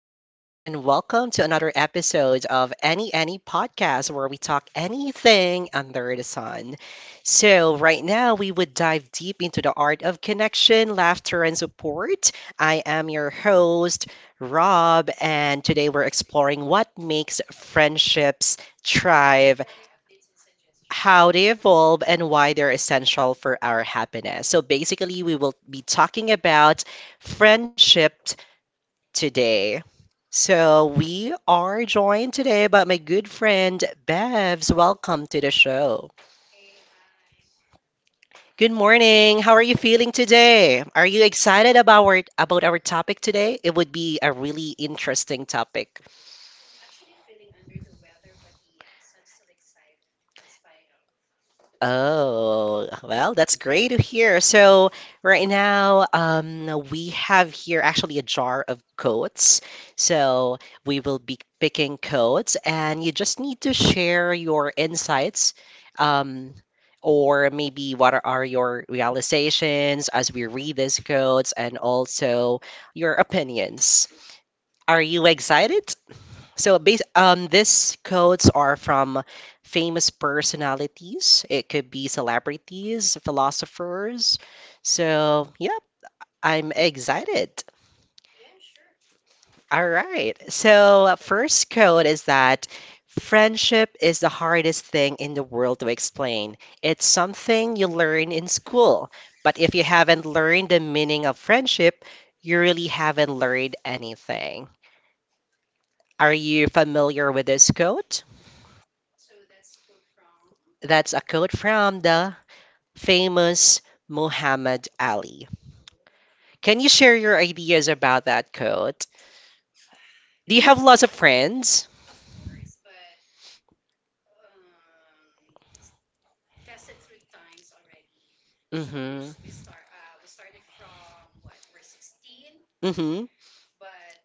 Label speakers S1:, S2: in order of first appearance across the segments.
S1: Ang Angs, and welcome to another episode of Any Podcast where we talk anything under the sun. So, right now, we would dive deep into the art of connection, laughter, and support. I am your host, Rob, and today we're exploring what makes friendships thrive, how they evolve, and why they're essential for our happiness. So, basically, we will be talking about friendship today. So we are joined today by my good friend Bevs. Welcome to the show.
S2: Hey, hi.
S1: Good morning. How are you feeling
S2: Today,
S1: today? Are
S2: are
S1: you
S2: you excited
S1: excited about
S2: about our
S1: our
S2: about
S1: about our
S2: our topic
S1: topic
S2: today?
S1: today? It
S2: It
S1: would
S2: would
S1: be
S2: be
S1: a
S2: a really
S1: really
S2: interesting
S1: interesting
S2: topic.
S1: topic.
S2: I'm actually feeling under the weather, but yes, I'm still excited in spite of.
S1: Oh, well, that's great to hear. So right now, we have here actually a jar of codes. So we will be picking codes, and you just need to share your insights, um, or maybe what are your realizations as we read these codes, and also your opinions.
S2: Are
S1: Are
S2: Okay. you
S1: you
S2: excited?
S1: excited? So base these quotes are from famous personalities. It could be celebrities, philosophers. So, yep, I'm excited.
S2: Yeah, sure.
S1: All right. So, first quote is that friendship is the hardest thing in the world to explain. It's something you learn in school, but if you haven't learned the meaning of friendship, you really haven't learned anything. Are you familiar with this quote?
S2: So that's quote from.
S1: That's a quote from the famous Muhammad Ali.
S2: Oh,
S1: Can
S2: Can all
S1: you
S2: you
S1: share
S2: share
S1: your
S2: your
S1: ideas
S2: ideas
S1: about
S2: about
S1: that
S2: that
S1: quote?
S2: quote? Do
S1: Do you
S2: It's you have
S1: have lots
S2: lots
S1: of
S2: of friends?
S1: friends?
S2: Of course, but it's tested through times already. So we
S1: Mm-hmm.
S2: just, we start uh we started from what? We're 16,
S1: Mm-hmm.
S2: but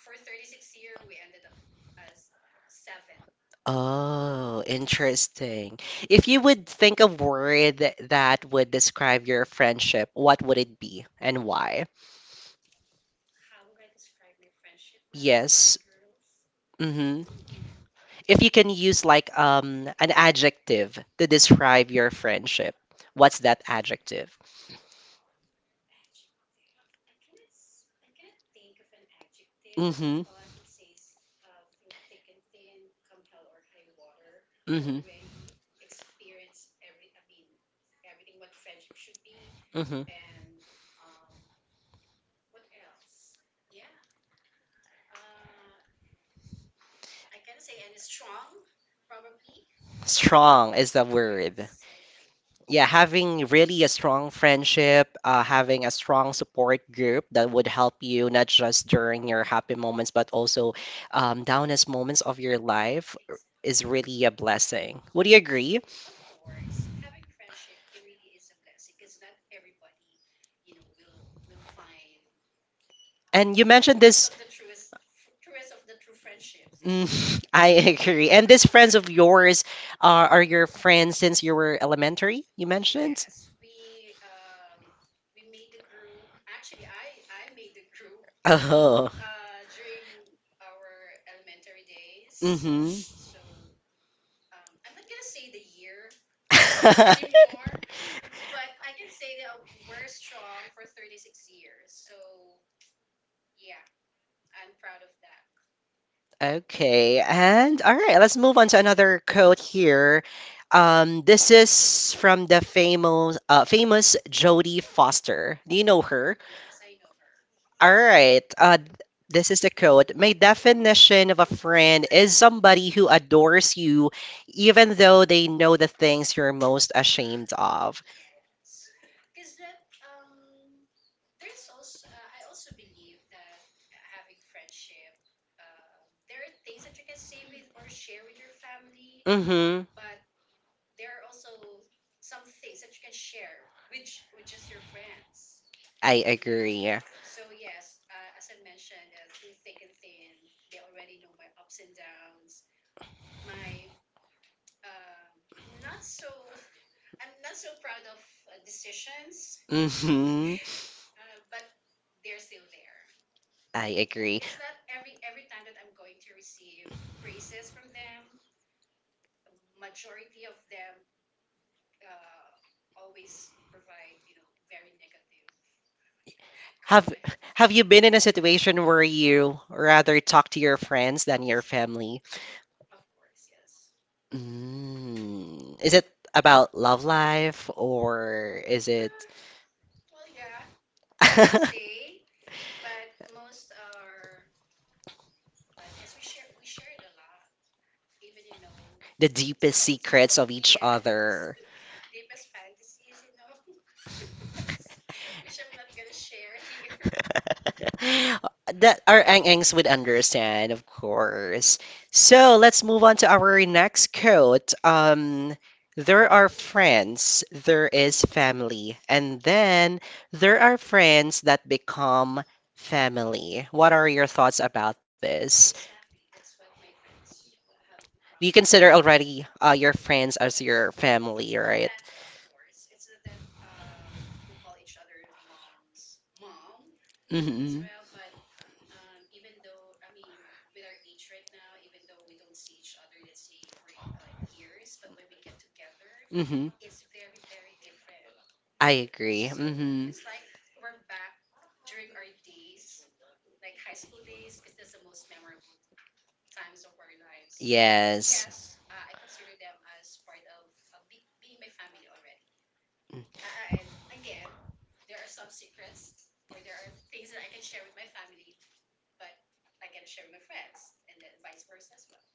S2: for 36 year we ended up as 7.
S1: Oh,
S2: Yes.
S1: interesting. If you would think of word that would describe your friendship, what would it be and why?
S2: How will I describe my friendship now with my
S1: Yes.
S2: girls?
S1: Mm-hmm.
S2: Hmm.
S1: If you can use like an adjective to describe your friendship, what's that adjective?
S2: Adjective. I cannot think of an adjective, but
S1: Mm-hmm.
S2: all I can say is through thick and thin, come hell or high water, we
S1: Mm-hmm.
S2: already experience everything what friendship should be
S1: Mm-hmm.
S2: and um what else? Yeah. Uh I cannot say any strong probably.
S1: Strong is the word.
S2: Yes, I think.
S1: Yeah, having really a strong friendship, having a strong support group that would help you not just during your happy moments, but also downest moments of your life is
S2: Exactly.
S1: really a blessing. Would you
S2: Yes, it
S1: agree?
S2: is. Of course, having friendship, it really is a blessing because not everybody, you know, will find
S1: And you mentioned this.
S2: truest of the true friendships, you know.
S1: Mm, I agree. And these friends of yours are your friends since you were elementary, you mentioned?
S2: Yes, we made the group. Actually, I made the group
S1: Oh.
S2: during our elementary days.
S1: Mm-hmm.
S2: So I'm not gonna say the year anymore, but I can say that we're strong for 36 years. So yeah, I'm proud of that.
S1: Okay, and all right, let's move on to another quote here. This is from the famous Jodie Foster. Do you know her?
S2: Yes, I know her.
S1: All right. This is the quote. My definition of a friend is somebody who adores you, even though they know the things you're most ashamed of.
S2: Yes, because that there's also I also believe that having friendship, there are things that you can say with or share with your family,
S1: Mm-hmm.
S2: but there are also some things that you can share with just your friends,
S1: I
S2: you know.
S1: agree.
S2: So yes, as I mentioned, through thick and thin, they already know my ups and downs, my not so I'm not so proud of decisions,
S1: Mm-hmm.
S2: but they're still there.
S1: I
S2: Yeah,
S1: agree.
S2: it's not every time that I'm going to receive praises from them. Majority of them, uh, always provide, you know, very negative
S1: Have
S2: comments.
S1: Have you been in a situation where you rather talk to your friends than your family?
S2: Of course, yes.
S1: Mm. Is it about love life or is it?
S2: Huh, Well, yeah, I can say, but most are, I guess we shared a lot. Even, you know,
S1: The deepest secrets
S2: some,
S1: of each
S2: yes,
S1: other.
S2: deepest fantasies, you know, which I'm not gonna share here.
S1: That our ang-angs would understand, of course. So let's move on to our next quote. There are friends, there is family, and then there are friends that become family. What are your thoughts about this?
S2: Exactly. That's what my friends have
S1: Do you
S2: become.
S1: consider already your friends as
S2: Yes.
S1: your
S2: It's
S1: family,
S2: not
S1: right?
S2: that, of course, it's not that we call each other moms, mom as
S1: Mm-hmm.
S2: well, but even though, I mean, with our age right now, even though we don't see each other, let's say for years, but when we get together, it's very, very different.
S1: I agree.
S2: So
S1: Hmm.
S2: it's like we're back during our days, like high school days, because that's the most memorable times of our lives. So yes,
S1: Yes.
S2: I consider them as part of being my family already. And again, there are some secrets or there are things that I can share with my family, but I cannot share with my friends, and then vice versa as well.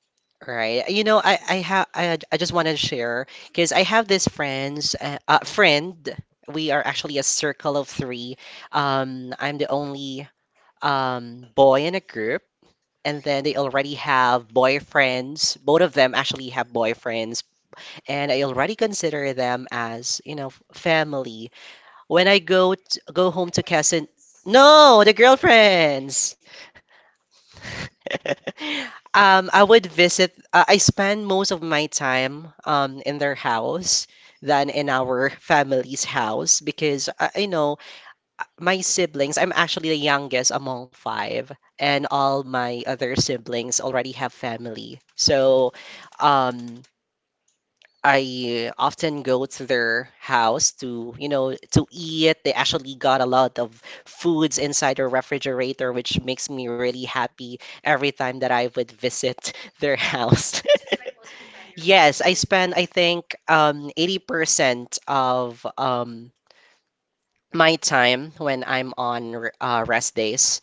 S1: Right. You know, I just wanted to share because I have this friend. We are actually a circle of three. I'm the only boy in a group, and then they already have boyfriends. Both of them actually have boyfriends, and I already consider them as, you know, family. When I go
S2: The
S1: home to Quezon,
S2: boyfriends?
S1: no, the
S2: Wow. Okay.
S1: girlfriends. I would visit. I spend most of my time in their house than in our family's house because, you know, my siblings. I'm actually the youngest among five, and
S2: Okay.
S1: all my other siblings already have family. So, um, I often go to their house to, you know, to eat. They actually got a lot of foods inside their refrigerator, which makes me really happy every time that I would visit their house.
S2: So it's like most of the time
S1: Yes,
S2: you're
S1: I
S2: with
S1: spend, I
S2: them.
S1: think, 80% of my time when I'm on rest days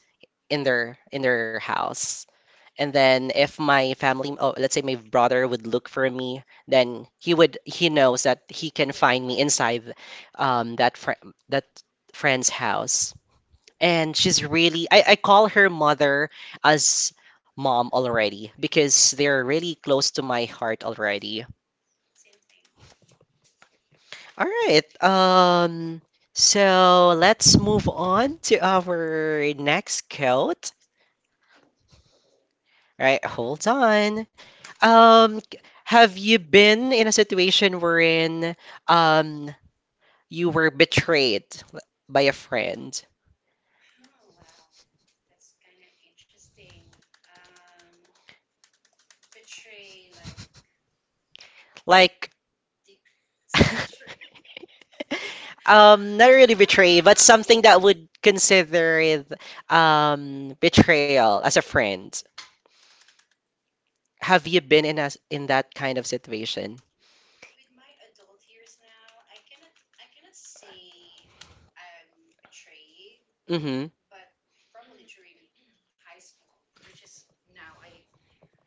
S1: in their house. And then if my
S2: Mhm.
S1: family, oh, let's say my brother would look for me, then he would he knows that he can
S2: Where to
S1: find me
S2: find you?
S1: inside um, that fr that friend's house.
S2: Mm.
S1: And I call her mother as mom already because they're really close to my heart already.
S2: Same thing.
S1: All right. So let's move on to our next quote. Right, hold on. Um, c- have you been in a situation wherein um you were betrayed l- by a friend?
S2: Oh, wow. That's kind of interesting. Betray, like
S1: Like,
S2: deep betray.
S1: not really betrayed, but
S2: Um,
S1: something that would consider it, betrayal as a friend. Have you been in as in that kind of situation?
S2: With my adult years now, I cannot say I'm betrayed,
S1: Mm-hmm.
S2: but probably during high school, which is now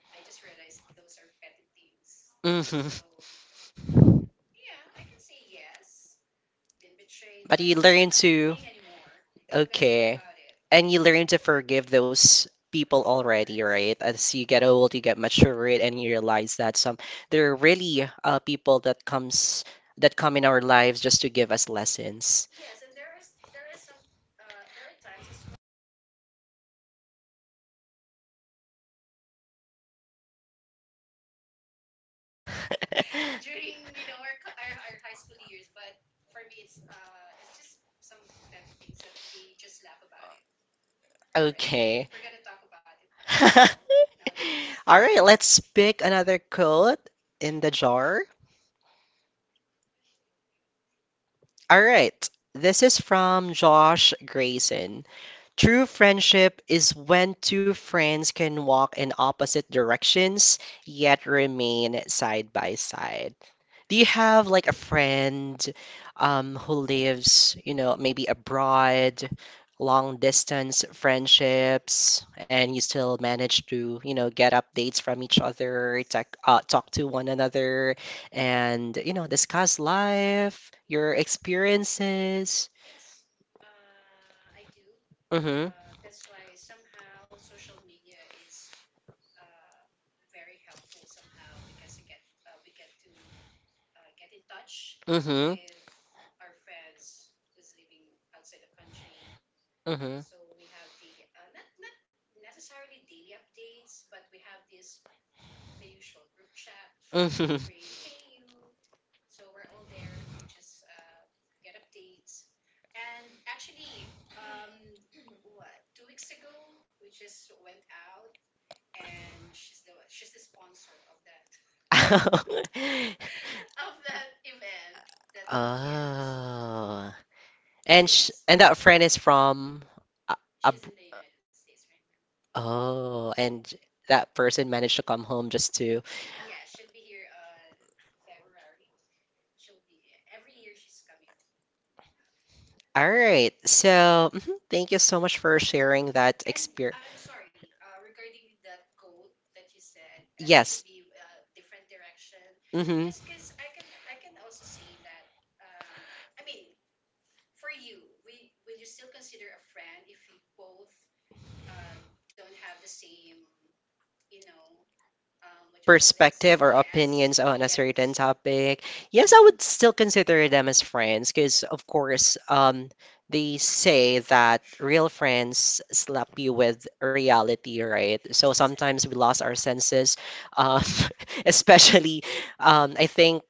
S2: I just realized those are petty things.
S1: Mm-hmm.
S2: So, well, yeah, I can say yes, been betrayed,
S1: But
S2: but
S1: you
S2: it's not
S1: learn
S2: a big
S1: to,
S2: thing anymore if I'm gonna think
S1: okay,
S2: about it.
S1: and you learn to forgive those
S2: Of
S1: people already,
S2: course.
S1: right? As you get old, you get matured, and you realize that some there are really people that come in our lives just to give us lessons.
S2: Yes, and there is some there are times as well that you come to a realization that I didn't know that I was a bully during during you know our, co- our high school years. But for me, it's just some petty things that we just laugh about it already, if
S1: Okay.
S2: we're gonna talk about it right now nowadays.
S1: All right, let's pick another code in the jar. All right, this is from Josh Grayson. True friendship is when two friends can walk in opposite directions yet remain side by side. Do you have like a friend who lives, you know, maybe abroad, long distance
S2: Yes. Hmm.
S1: friendships, and you still manage to, you know, get updates from each other,
S2: Yes.
S1: talk, talk to one another, and, you know, discuss life,
S2: share
S1: your
S2: Yes.
S1: experiences?
S2: Yes. I do. Mm-hmm.
S1: Mm-hmm.
S2: That's why somehow social media is uh, very helpful somehow because I get we get to get in touch, mm-hmm,
S1: Mm-hmm.
S2: with our friends who's living outside the country.
S1: Mm-hmm.
S2: So we have daily, not necessarily daily updates, but we have this the usual group chats.
S1: Mhm.
S2: We're in Hey You, so we're all there. We just get updates. And actually, um, what, 2 weeks ago we just went out, and she's the sponsor of that of that event. Yes,
S1: Oh.
S2: so
S1: And sh
S2: yes,
S1: and that friend is from a, a
S2: she's
S1: b-
S2: in the United States right now.
S1: oh, and that person managed to come home just to
S2: Yeah, she'll be here February. She'll be, yeah, every year she's coming home naman.
S1: All right. So, mhm, thank you so much for sharing that
S2: And I'm
S1: experience.
S2: sorry, regarding that quote that you said, it should
S1: Yes.
S2: be a different direction.
S1: Mm. Hmm.
S2: Yes, because I can also say that. Um, I mean, for you, we will you still consider a friend if we both uh, don't have the same, you know, what you call this?
S1: Perspective or
S2: Yes,
S1: opinions on a
S2: yes,
S1: certain topic, yes, I would still consider them as friends because, of course, they say that real friends slap you with reality, right? So sometimes we
S2: exactly.
S1: lost our senses, um, especially, I think,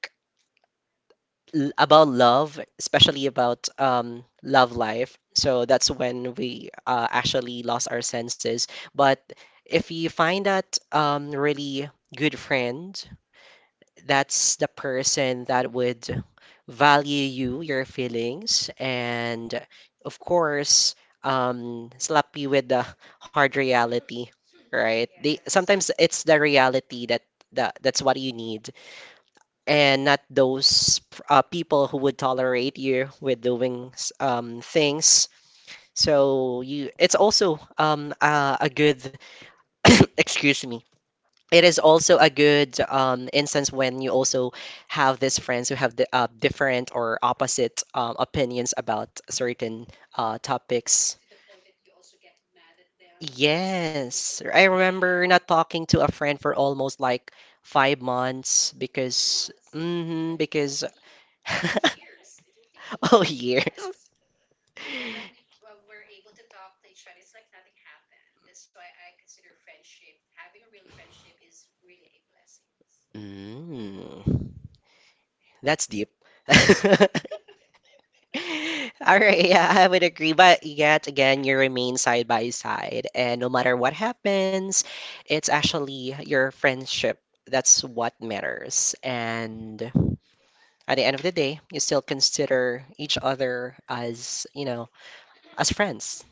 S1: about love, especially about love life. So
S2: Hmm.
S1: that's when we actually lost our senses. But if you find that really good friend, that's the person that would value you, your feelings, and of course, slap you with the hard reality,
S2: Right?
S1: right? They
S2: Yes.
S1: sometimes it's the reality that that's what you need, and not those people who would tolerate you with doing things. So, you, it's also a good excuse me, it is also a good instance when you also have these friends who have the, different or opposite opinions about certain
S2: To
S1: topics.
S2: the point that you also get mad at them for certain.
S1: Yes, I remember not talking to a friend for almost like 5 months
S2: Months
S1: because,
S2: then tell me. Years. It will take
S1: oh,
S2: years. Yes.
S1: years.
S2: But when we were able to talk to each other, it's like nothing happened. That's why I consider friendship, having a real friendship, is really a blessing.
S1: Mm, that's deep. All right, yeah, I would agree. But yet again, you remain side by side. And no matter what happens, it's actually your friendship that's what matters. And at the end of the day, you still consider each other as, you know, as friends,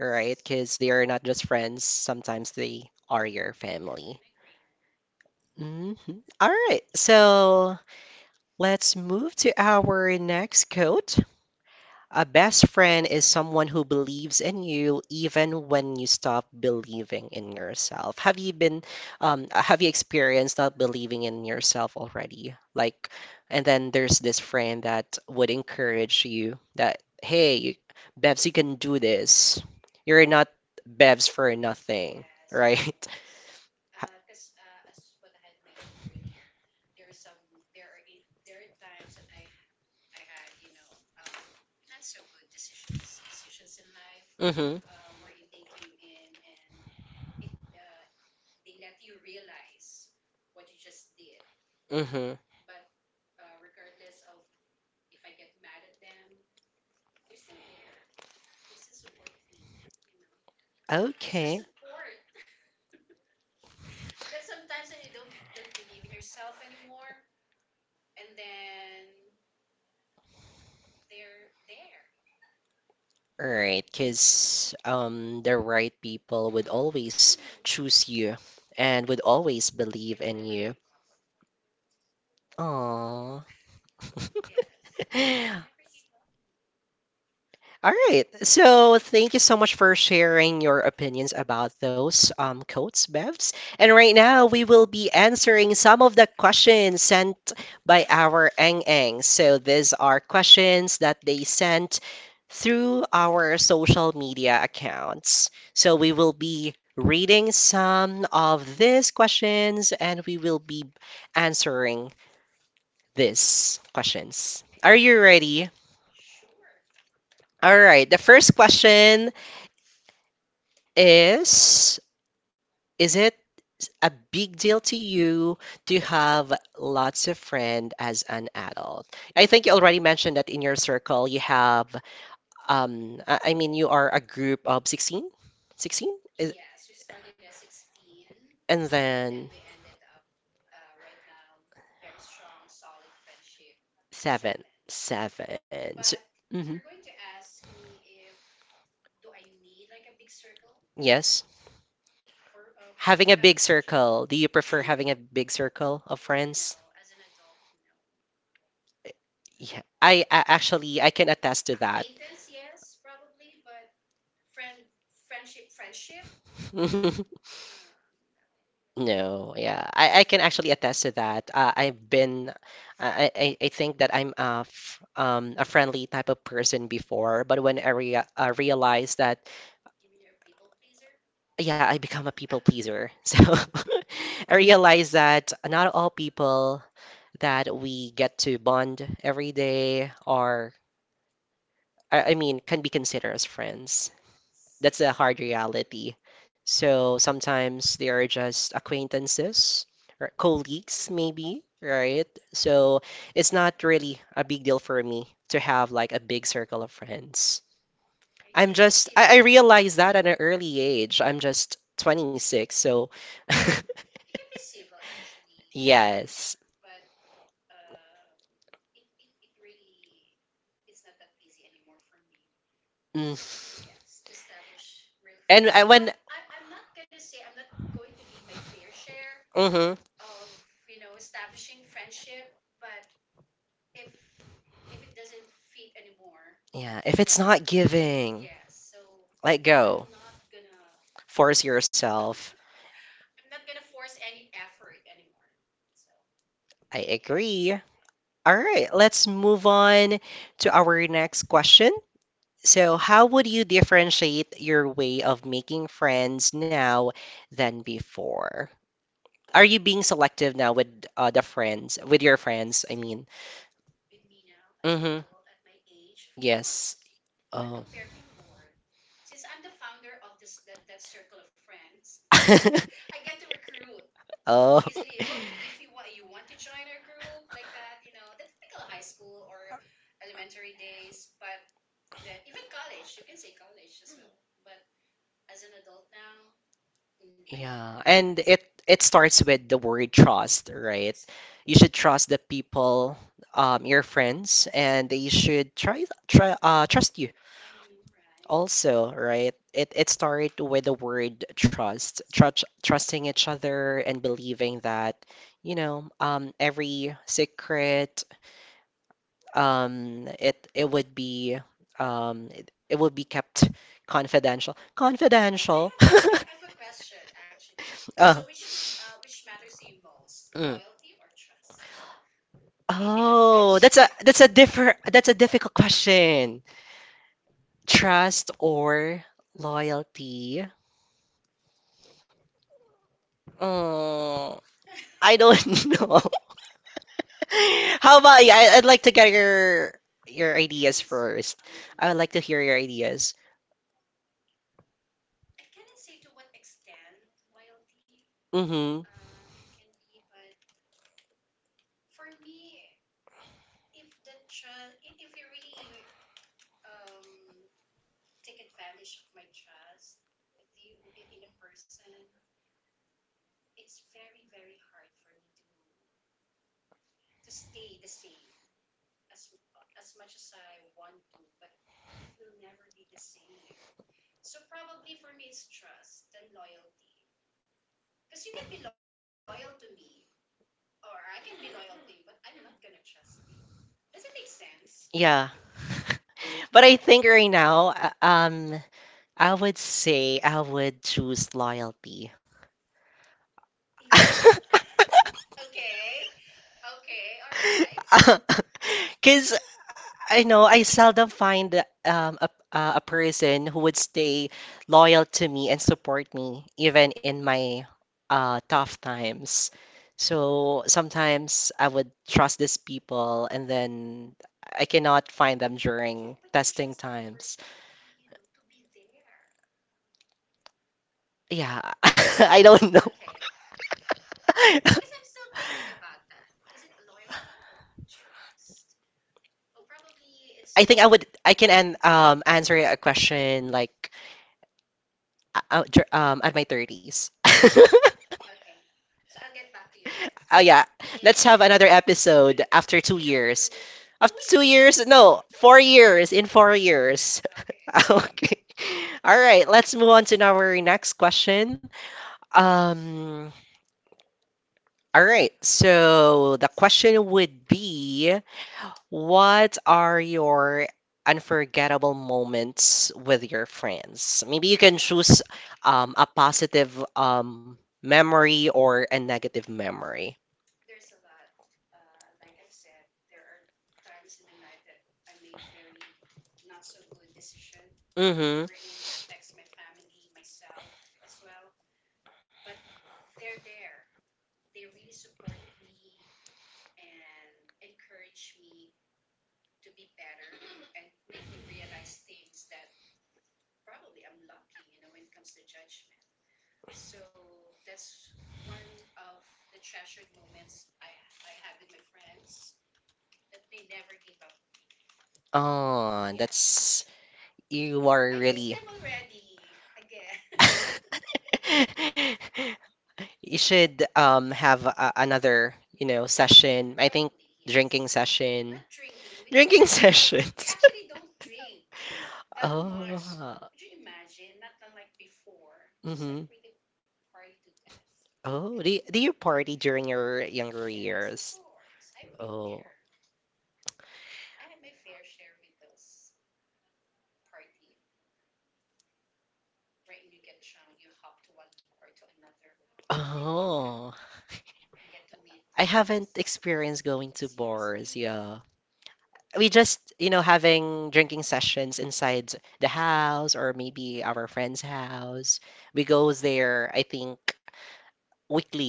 S1: right? Because they are not just friends, sometimes they are your
S2: Couldn't
S1: family.
S2: agree more.
S1: Mhm. All right, so let's move to our next quote. A best friend is someone who believes in you even when you stop believing in yourself. Have you been, have you experienced not believing in yourself already? Like, and then there's this friend that would encourage you that, hey, you, Bevs, you can do this. You're not Bevs for nothing,
S2: Yes, of
S1: right?
S2: course. As what I have mentioned earlier, there are times that I had, you know, not so good decisions in life,
S1: Mm-hmm,
S2: wherein they came in and it they let you realize what you just did.
S1: mm-hmm.
S2: But regardless of if I get mad at them, they're still there. They still support me, you know. It's the
S1: Okay.
S2: support that sometimes when you don't believe in yourself anymore, and then they're there.
S1: Right, because the right people would always choose you and would always
S2: They will
S1: believe in
S2: never
S1: you.
S2: give up on you.
S1: Aww.
S2: Yes, they never give up on me.
S1: All right. So thank you so much for sharing your opinions about those quotes, Bevs. And right now, we will be answering some of the questions sent by our Eng Eng. So these are questions that they sent through our social media accounts.
S2: Oh.
S1: So we will be reading some of these questions and we will be answering these questions.
S2: Okay.
S1: Are you
S2: Are
S1: ready?
S2: Sure.
S1: All right. The first question is: is it a big deal to you to have lots of friends as an adult? I think you already mentioned that in your circle you have, I mean, you are a group of 16? 16? Is,
S2: Yes, we started at 16
S1: and
S2: and, then we
S1: then
S2: ended up, right now very strong, solid friendship,
S1: seven,
S2: seven.
S1: seven.
S2: But
S1: So,
S2: if you're
S1: mhm.
S2: going to ask me if do I need like a big circle
S1: Yes.
S2: for to
S1: Having
S2: have
S1: a big
S2: friendship?
S1: circle. Do you prefer having a big circle of
S2: No,
S1: friends?
S2: as an adult, no.
S1: Yeah, I actually I can attest to that.
S2: Acquaintance, yes, probably, but friendship, friendship, No.
S1: No, yeah,
S2: Yes.
S1: I can actually attest to that. I think that I'm a friendly type of person before, but when I realized that,
S2: You mean you're a people pleaser?
S1: yeah, I become a people pleaser. So I realized that not all people that we get to bond every day are I mean, can be considered as friends.
S2: Yes.
S1: That's a hard reality. So sometimes they are just acquaintances or colleagues,
S2: Mm-hmm.
S1: maybe, right? So it's not
S2: Yeah,
S1: really a big deal for
S2: colleagues.
S1: me to have like a big circle of friends.
S2: Yeah, you can
S1: I'm
S2: be
S1: just,
S2: civil.
S1: I realized that at an early age. I'm just 26, so
S2: You can be civil, actually, you know,
S1: yes.
S2: but um, it it really, it's not that easy anymore for me.
S1: Mm.
S2: Yes, to establish real
S1: And
S2: friendship.
S1: I,
S2: But
S1: when,
S2: I'm not gonna say I'm not going to give my fair share
S1: hmm
S2: of, you know, establishing friendship. But if if it doesn't fit anymore,
S1: yeah, if it's
S2: then
S1: not giving.
S2: yes. So
S1: Let
S2: I'm
S1: go.
S2: not gonna
S1: Force yourself.
S2: I'm not gonna force any effort anymore. So
S1: I
S2: yeah,
S1: agree. All right, let's move on to our next question. So, how would you differentiate your way of making friends now than before? Are you being selective now with the friends, with your friends?
S2: yes.
S1: I mean,
S2: With me now as an
S1: mm-hmm.
S2: adult at my age, of
S1: Yes.
S2: course. Not
S1: Oh.
S2: compare before. Since I'm the founder of that circle of friends, I get to recruit
S1: oh.
S2: easily. Oh, if you want you want to join our group, like that, you know, the typical high school or elementary days. But even college, you can say college as well, but as an adult now, mm, I don't do
S1: Yeah,
S2: that.
S1: and it starts with the word trust, right? You
S2: Exactly.
S1: should trust the people, your friends, and they should try trust you
S2: I know, right?
S1: also, right? It starts with the word trust,
S2: It's
S1: trust trusting each other and believing that, every secret it would be it would be kept confidential.
S2: Well,
S1: Confidential.
S2: I have a question actually. So
S1: Uh.
S2: which is, which matters to you most,
S1: Mm.
S2: loyalty or trust in a
S1: Oh,
S2: friendship?
S1: that's a differ that's a difficult question. Trust or
S2: Loyalty.
S1: loyalty? Mm, I don't know. How about you? I'd like to get your ideas
S2: Because
S1: first.
S2: um,
S1: I would like to hear your ideas.
S2: I cannot say to what extent loyalty
S1: Mm-hmm.
S2: can be, but for me, if the trust, if you really um take advantage of my trust with in a person, it's very, very hard for me to stay the same as as much as I want to, but it will never be the same. So probably for me, it's trust then loyalty, because you can be loyal to me or I can be loyal to you, but I'm not gonna trust you. Does it make sense
S1: Yeah. But I think right now, I would say I would choose loyalty.
S2: even if okay? Okay, all right.
S1: Because I know I seldom find a person who would stay loyal to me and support me even in my tough times. So sometimes I would trust these people and then I cannot find them
S2: Yeah, but
S1: during
S2: you trust that
S1: testing
S2: person
S1: times.
S2: to be, you know, to be there.
S1: Yeah, I don't know.
S2: Okay. Because I'm still thinking about that. Is it loyalty or trust? Well, probably it's.
S1: I think I can answer a question like at my 30s.
S2: Okay. So I'll get back to you again.
S1: Oh yeah, let's have
S2: In
S1: another episode after
S2: in a
S1: 2
S2: few
S1: years.
S2: two
S1: After 2
S2: years?
S1: years? No, 4 years, in 4 years.
S2: Okay.
S1: Okay. All right, let's move on to our next question. Um
S2: There's a
S1: all right.
S2: lot of
S1: So the
S2: questions.
S1: question would be: what are your unforgettable moments with your friends? Maybe you can choose a positive memory or a negative memory.
S2: There's a lot. Like I've said, there are times in my life that I made very not so good decision
S1: Mm-hmm.
S2: wherein it affects my family, myself as well. But they're there. They really support me and encourage me to be better and make me realize things that probably I'm lacking, you know, when it comes to judgment. So that's one of the treasured moments I had with my friends, that they never gave up on me.
S1: Oh,
S2: Yes.
S1: that's you
S2: I
S1: are
S2: miss them
S1: really.
S2: already. Again.
S1: You should have a, another, you know,
S2: Get together.
S1: session. I
S2: Probably,
S1: think
S2: yes.
S1: drinking
S2: Not
S1: session.
S2: drinking.
S1: Drinking
S2: We
S1: sessions.
S2: actually don't drink that
S1: Oh.
S2: much. Would you imagine? Not unlike before. It's like
S1: Mm-hmm.
S2: really party to death.
S1: Oh, do you party during your younger
S2: Yes, of
S1: years?
S2: course. I've been
S1: Oh.
S2: there. I had my fair share with those partying. Wherein you get drunk, you hop to one bar to another. I did that.
S1: Oh.
S2: And get to meet
S1: I haven't
S2: some.
S1: experienced going to
S2: Seriously?
S1: bars, yeah. We just, you know, having drinking sessions inside the house or maybe our friend's house. We go there, I think, weekly.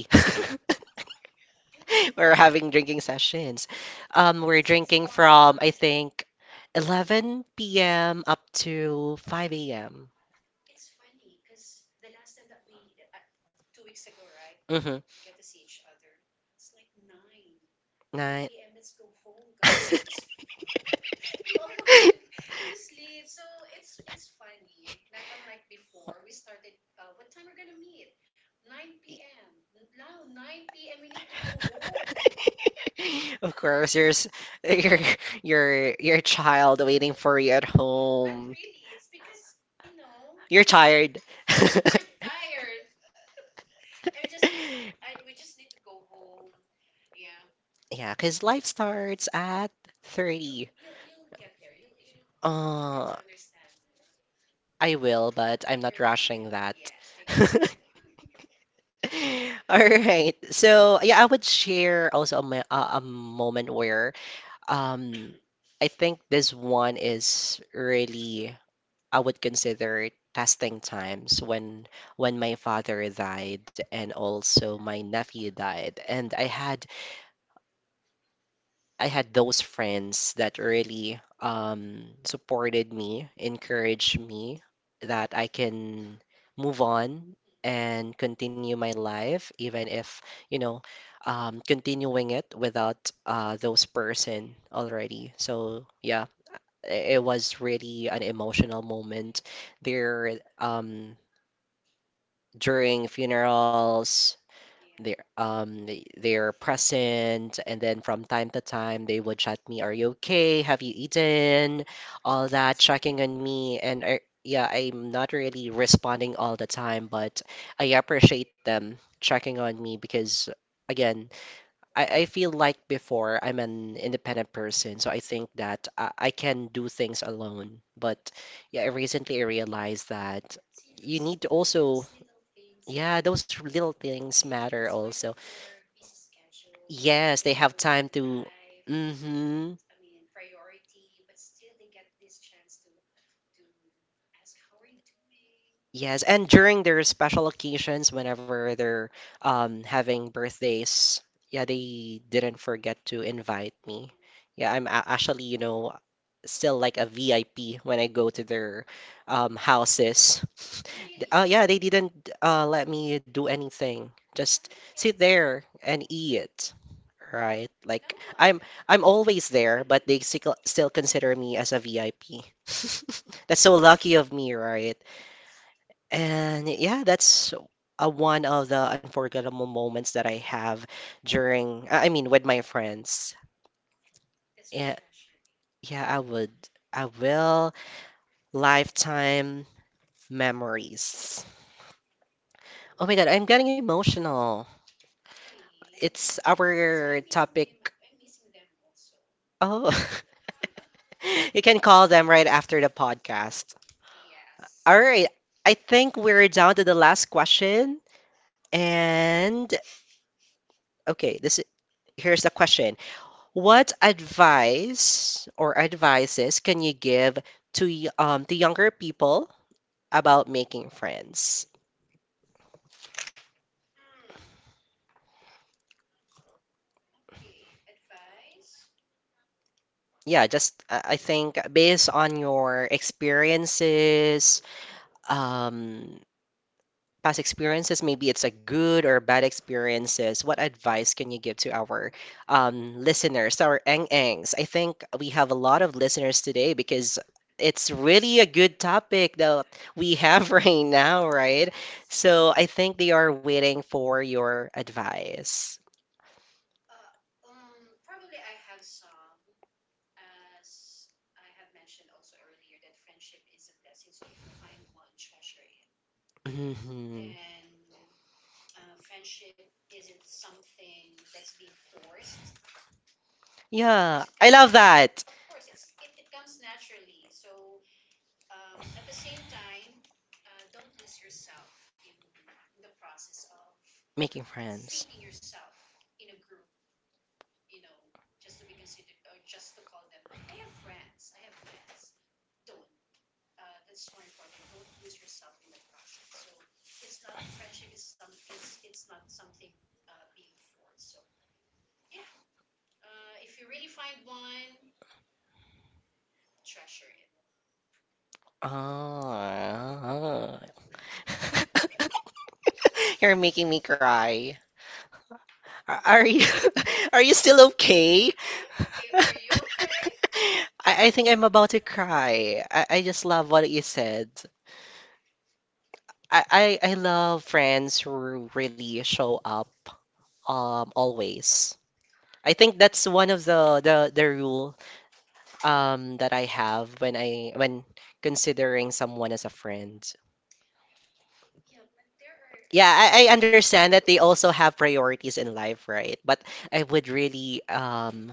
S2: And what you do?
S1: We're having drinking sessions.
S2: Ah, so
S1: We're
S2: it's more
S1: drinking from, I
S2: on.
S1: think, 11 p.m. up to 5 a.m.
S2: It's funny because the last time that we, 2 weeks ago, right?
S1: Mm-hmm.
S2: We get to see each other. It's like 9
S1: Nine.
S2: p.m. Let's go home, guys, because we all want to sleep. So it's funny. Not unlike before. We started. What time we're gonna meet? 9 p.m. Now 9 p.m. We need to go home.
S1: Of course, your s- your your child waiting for you at
S2: Not
S1: home.
S2: really. It's because, you know,
S1: You're tired.
S2: we're tired. I just need I we just need to go home. Yeah.
S1: Yeah, because life starts at
S2: You'll
S1: 30.
S2: you'll you'll get there. You'll get to
S1: Uh,
S2: understand me.
S1: I will, but
S2: Take your
S1: I'm not
S2: time.
S1: rushing that.
S2: Yes, take your time.
S1: All right. So yeah, I would share also a, mo- a moment where um I think this one is really I would consider testing times when my father died and also my nephew died, and
S2: Oh.
S1: I had those friends that really supported me, encouraged me that I can move on
S2: Hmm.
S1: and continue my life, even if, you know, continuing it without those
S2: Yeah.
S1: person already. So yeah, it was really an emotional moment. Their during funerals.
S2: Yeah.
S1: They're they're present, and then from time to time they would chat me, "Are you okay? Have you eaten?"
S2: Mm.
S1: All
S2: So they
S1: that
S2: get in
S1: checking on
S2: touch.
S1: me, and I, yeah, I'm not really responding all the time, but I appreciate them checking on me because, again, I feel like before I'm an independent person, so I think that I can do things alone.
S2: Yes.
S1: But yeah, I recently I realized that
S2: See those
S1: you need to
S2: those
S1: also,
S2: little things, you
S1: yeah,
S2: know.
S1: those little
S2: i-
S1: things
S2: i- In
S1: matter
S2: spite of
S1: also.
S2: their busy schedule, they have their
S1: Yes, they have
S2: own
S1: time to.
S2: life. I
S1: Mm-hmm.
S2: mean, priority, but still they get this chance to ask how are you doing, you
S1: Yes,
S2: know.
S1: and during their special occasions, whenever they're having birthdays, yeah, they didn't forget to invite me.
S2: Mm-hmm.
S1: Yeah, I'm actually, you know, still like a VIP when I go to their houses. Oh
S2: Really?
S1: yeah, they didn't let me do anything.
S2: I
S1: Just
S2: can
S1: sit
S2: say.
S1: there and eat. Right?
S2: No
S1: Like
S2: wonder.
S1: I'm always there, but they still consider me as a VIP.
S2: No.
S1: That's so lucky of me, right?
S2: Yes.
S1: And yeah, that's a one of the unforgettable moments that I have during, I mean, with my friends.
S2: That's why I
S1: Yeah,
S2: treasure it.
S1: yeah, I would. I will. Lifetime memories. Oh my God, I'm getting emotional.
S2: Really? Me
S1: It's
S2: too. That's why I'm
S1: our
S2: missing them.
S1: topic.
S2: I'm missing them also.
S1: Oh, you can call them right after the podcast.
S2: Yes.
S1: All right. I think we're down to the last question. And okay, this here's the question. What advice or advices can you give to to younger people about making friends?
S2: Mm. Okay. Advice?
S1: Yeah, just I think based on your experiences, um, past experiences, maybe it's a good or bad experiences, what advice can you give to our listeners, our engs? I think we have a lot of listeners today because
S2: We
S1: it's really a good topic that we
S2: have.
S1: have right now, right?
S2: Yes.
S1: So I think they are waiting for your advice.
S2: Uh, probably I have some, as I have mentioned also earlier, that friendship is a blessing. So if we find one, treasure it.
S1: Mhm.
S2: Then friendship isn't something that's being forced. Of Yeah, course, it
S1: Yeah,
S2: comes
S1: I
S2: na
S1: love
S2: of
S1: that.
S2: course it comes naturally. So at the same time don't lose yourself in the process of
S1: Making
S2: fitting
S1: friends.
S2: yourself in a group, you know, just to be considered or just to call them, I have friends, I have friends don't That's more important, don't lose yourself in the process. So it's not, friendship is some is it's not something being forced. So yeah, if you really find one, treasure it.
S1: Ah. You're making me cry. Are you are you still
S2: I
S1: okay?
S2: am okay, are you okay?
S1: I think I'm about to cry. I just love what you said. I love friends who really show up always. I think that's one of the rule that I have when I when considering someone as a friend.
S2: Yeah, but there are
S1: Yeah,
S2: exceptions to
S1: I
S2: the
S1: understand that they
S2: rules.
S1: also have priorities in life, right? But I would really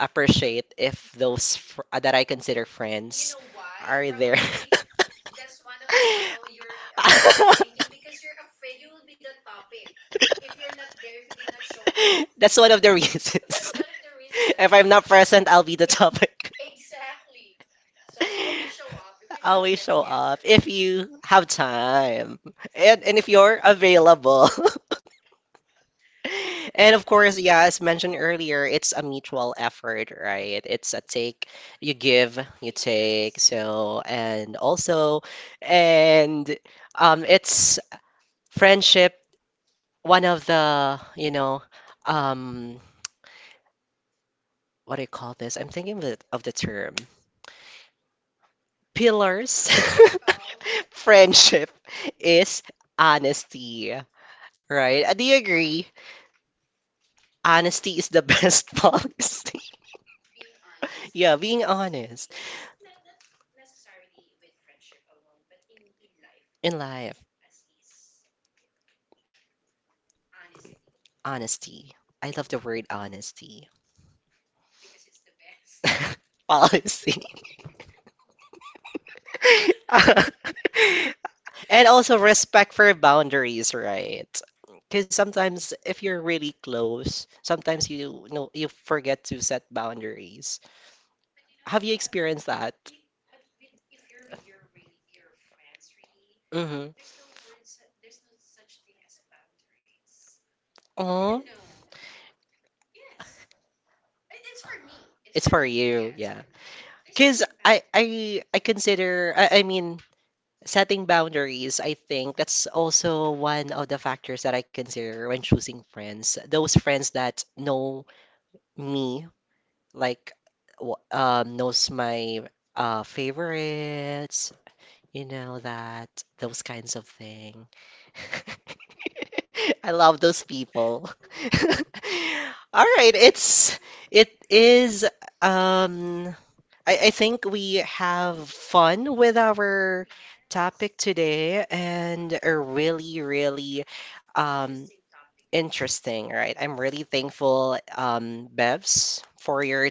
S1: appreciate if those fr that I
S2: He-
S1: consider
S2: You know
S1: friends
S2: why?
S1: are there.
S2: Probably that's one of your thinking, because you're afraid you will be the topic if you're not there, if you did not show up.
S1: That's one of the
S2: That's one
S1: reasons.
S2: of the reason.
S1: If I'm not present, I'll be the topic.
S2: Exactly. So always show up if we have get
S1: Always show
S2: together.
S1: up if you have time and if you're available. And of course, yeah, as mentioned earlier, it's a mutual effort, right? It's a take, you give, you
S2: Yes.
S1: take. So, and also, and it's friendship, one of the, you know, um, what do you call this? I'm thinking of the term pillars.
S2: Of.
S1: Friendship is honesty, right? Do you agree? Honesty is the best policy.
S2: Being honest,
S1: Yeah, being
S2: yes. I- not,
S1: honest
S2: not, not, not necessarily with friendship alone, but in life
S1: in life.
S2: as is. Um, Honesty. Mm.
S1: Honesty. I love the word honesty.
S2: Because it's the best.
S1: Policy. And also respect for boundaries, right? Because sometimes if you're really close, sometimes you know you forget to set boundaries.
S2: But you know, if we
S1: Have
S2: have,
S1: you
S2: I-
S1: experienced that?
S2: I- but with if you're with your really your friends, really,
S1: Mm-hmm.
S2: there's no words, there's no such thing as boundaries. I don't
S1: Oh,
S2: know. Yes, it's for me. It's for
S1: it's
S2: me.
S1: for
S2: Yeah, it's
S1: you,
S2: for
S1: yeah.
S2: me. There's no
S1: Because
S2: boundaries.
S1: I consider I mean setting boundaries, I think that's also one of the factors that I consider when choosing friends. Those friends that know me, like knows my favorites, you know that those kinds of thing. I love those people. All right, it is um I think we have fun with our
S2: Yes,
S1: topic
S2: I
S1: today,
S2: have
S1: and
S2: fun.
S1: a really, really
S2: Interesting
S1: um,
S2: topic, actually.
S1: interesting, right? I'm
S2: Yes.
S1: really thankful, Bevs, for your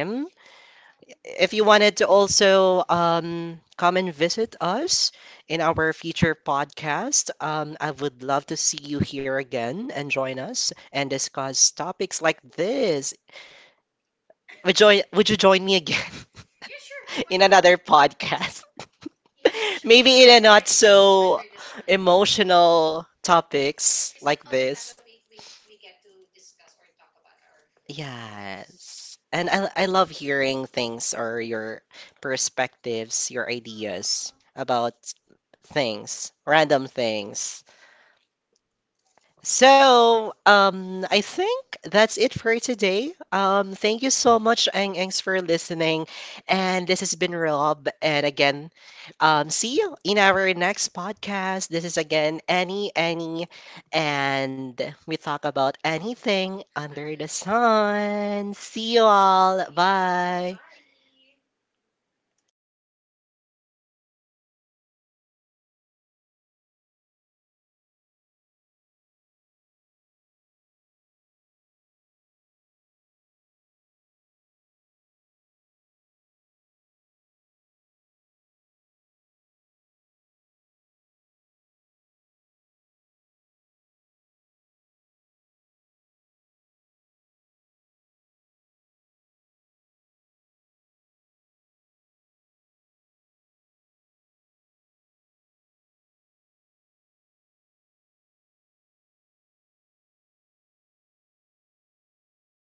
S2: You're welcome, as
S1: If you wanted to
S2: always.
S1: also come and visit us in our future podcast, I would love to see you here again and join us and discuss topics like this. Would you join me again
S2: Yeah, sure. Why not?
S1: in another
S2: Because
S1: podcast?
S2: you mentioned we can talk
S1: Maybe in a not
S2: anything under the
S1: so
S2: sun. So
S1: emotional
S2: yes, because
S1: topics
S2: not all the
S1: like
S2: time that we,
S1: this.
S2: we get to discuss or talk about our friends.
S1: Yes. And I love hearing things or your perspectives, your
S2: Aw,
S1: ideas about things, random things.
S2: thanks.
S1: So, I think that's it for today. Thank you so much, Ang Angs, for listening. And this has been Rob. And again, see you in our next podcast. This is again Annie, Annie, and we talk about anything
S2: Under.
S1: under the sun. See you
S2: See
S1: all.
S2: ya.
S1: Bye.
S2: Bye.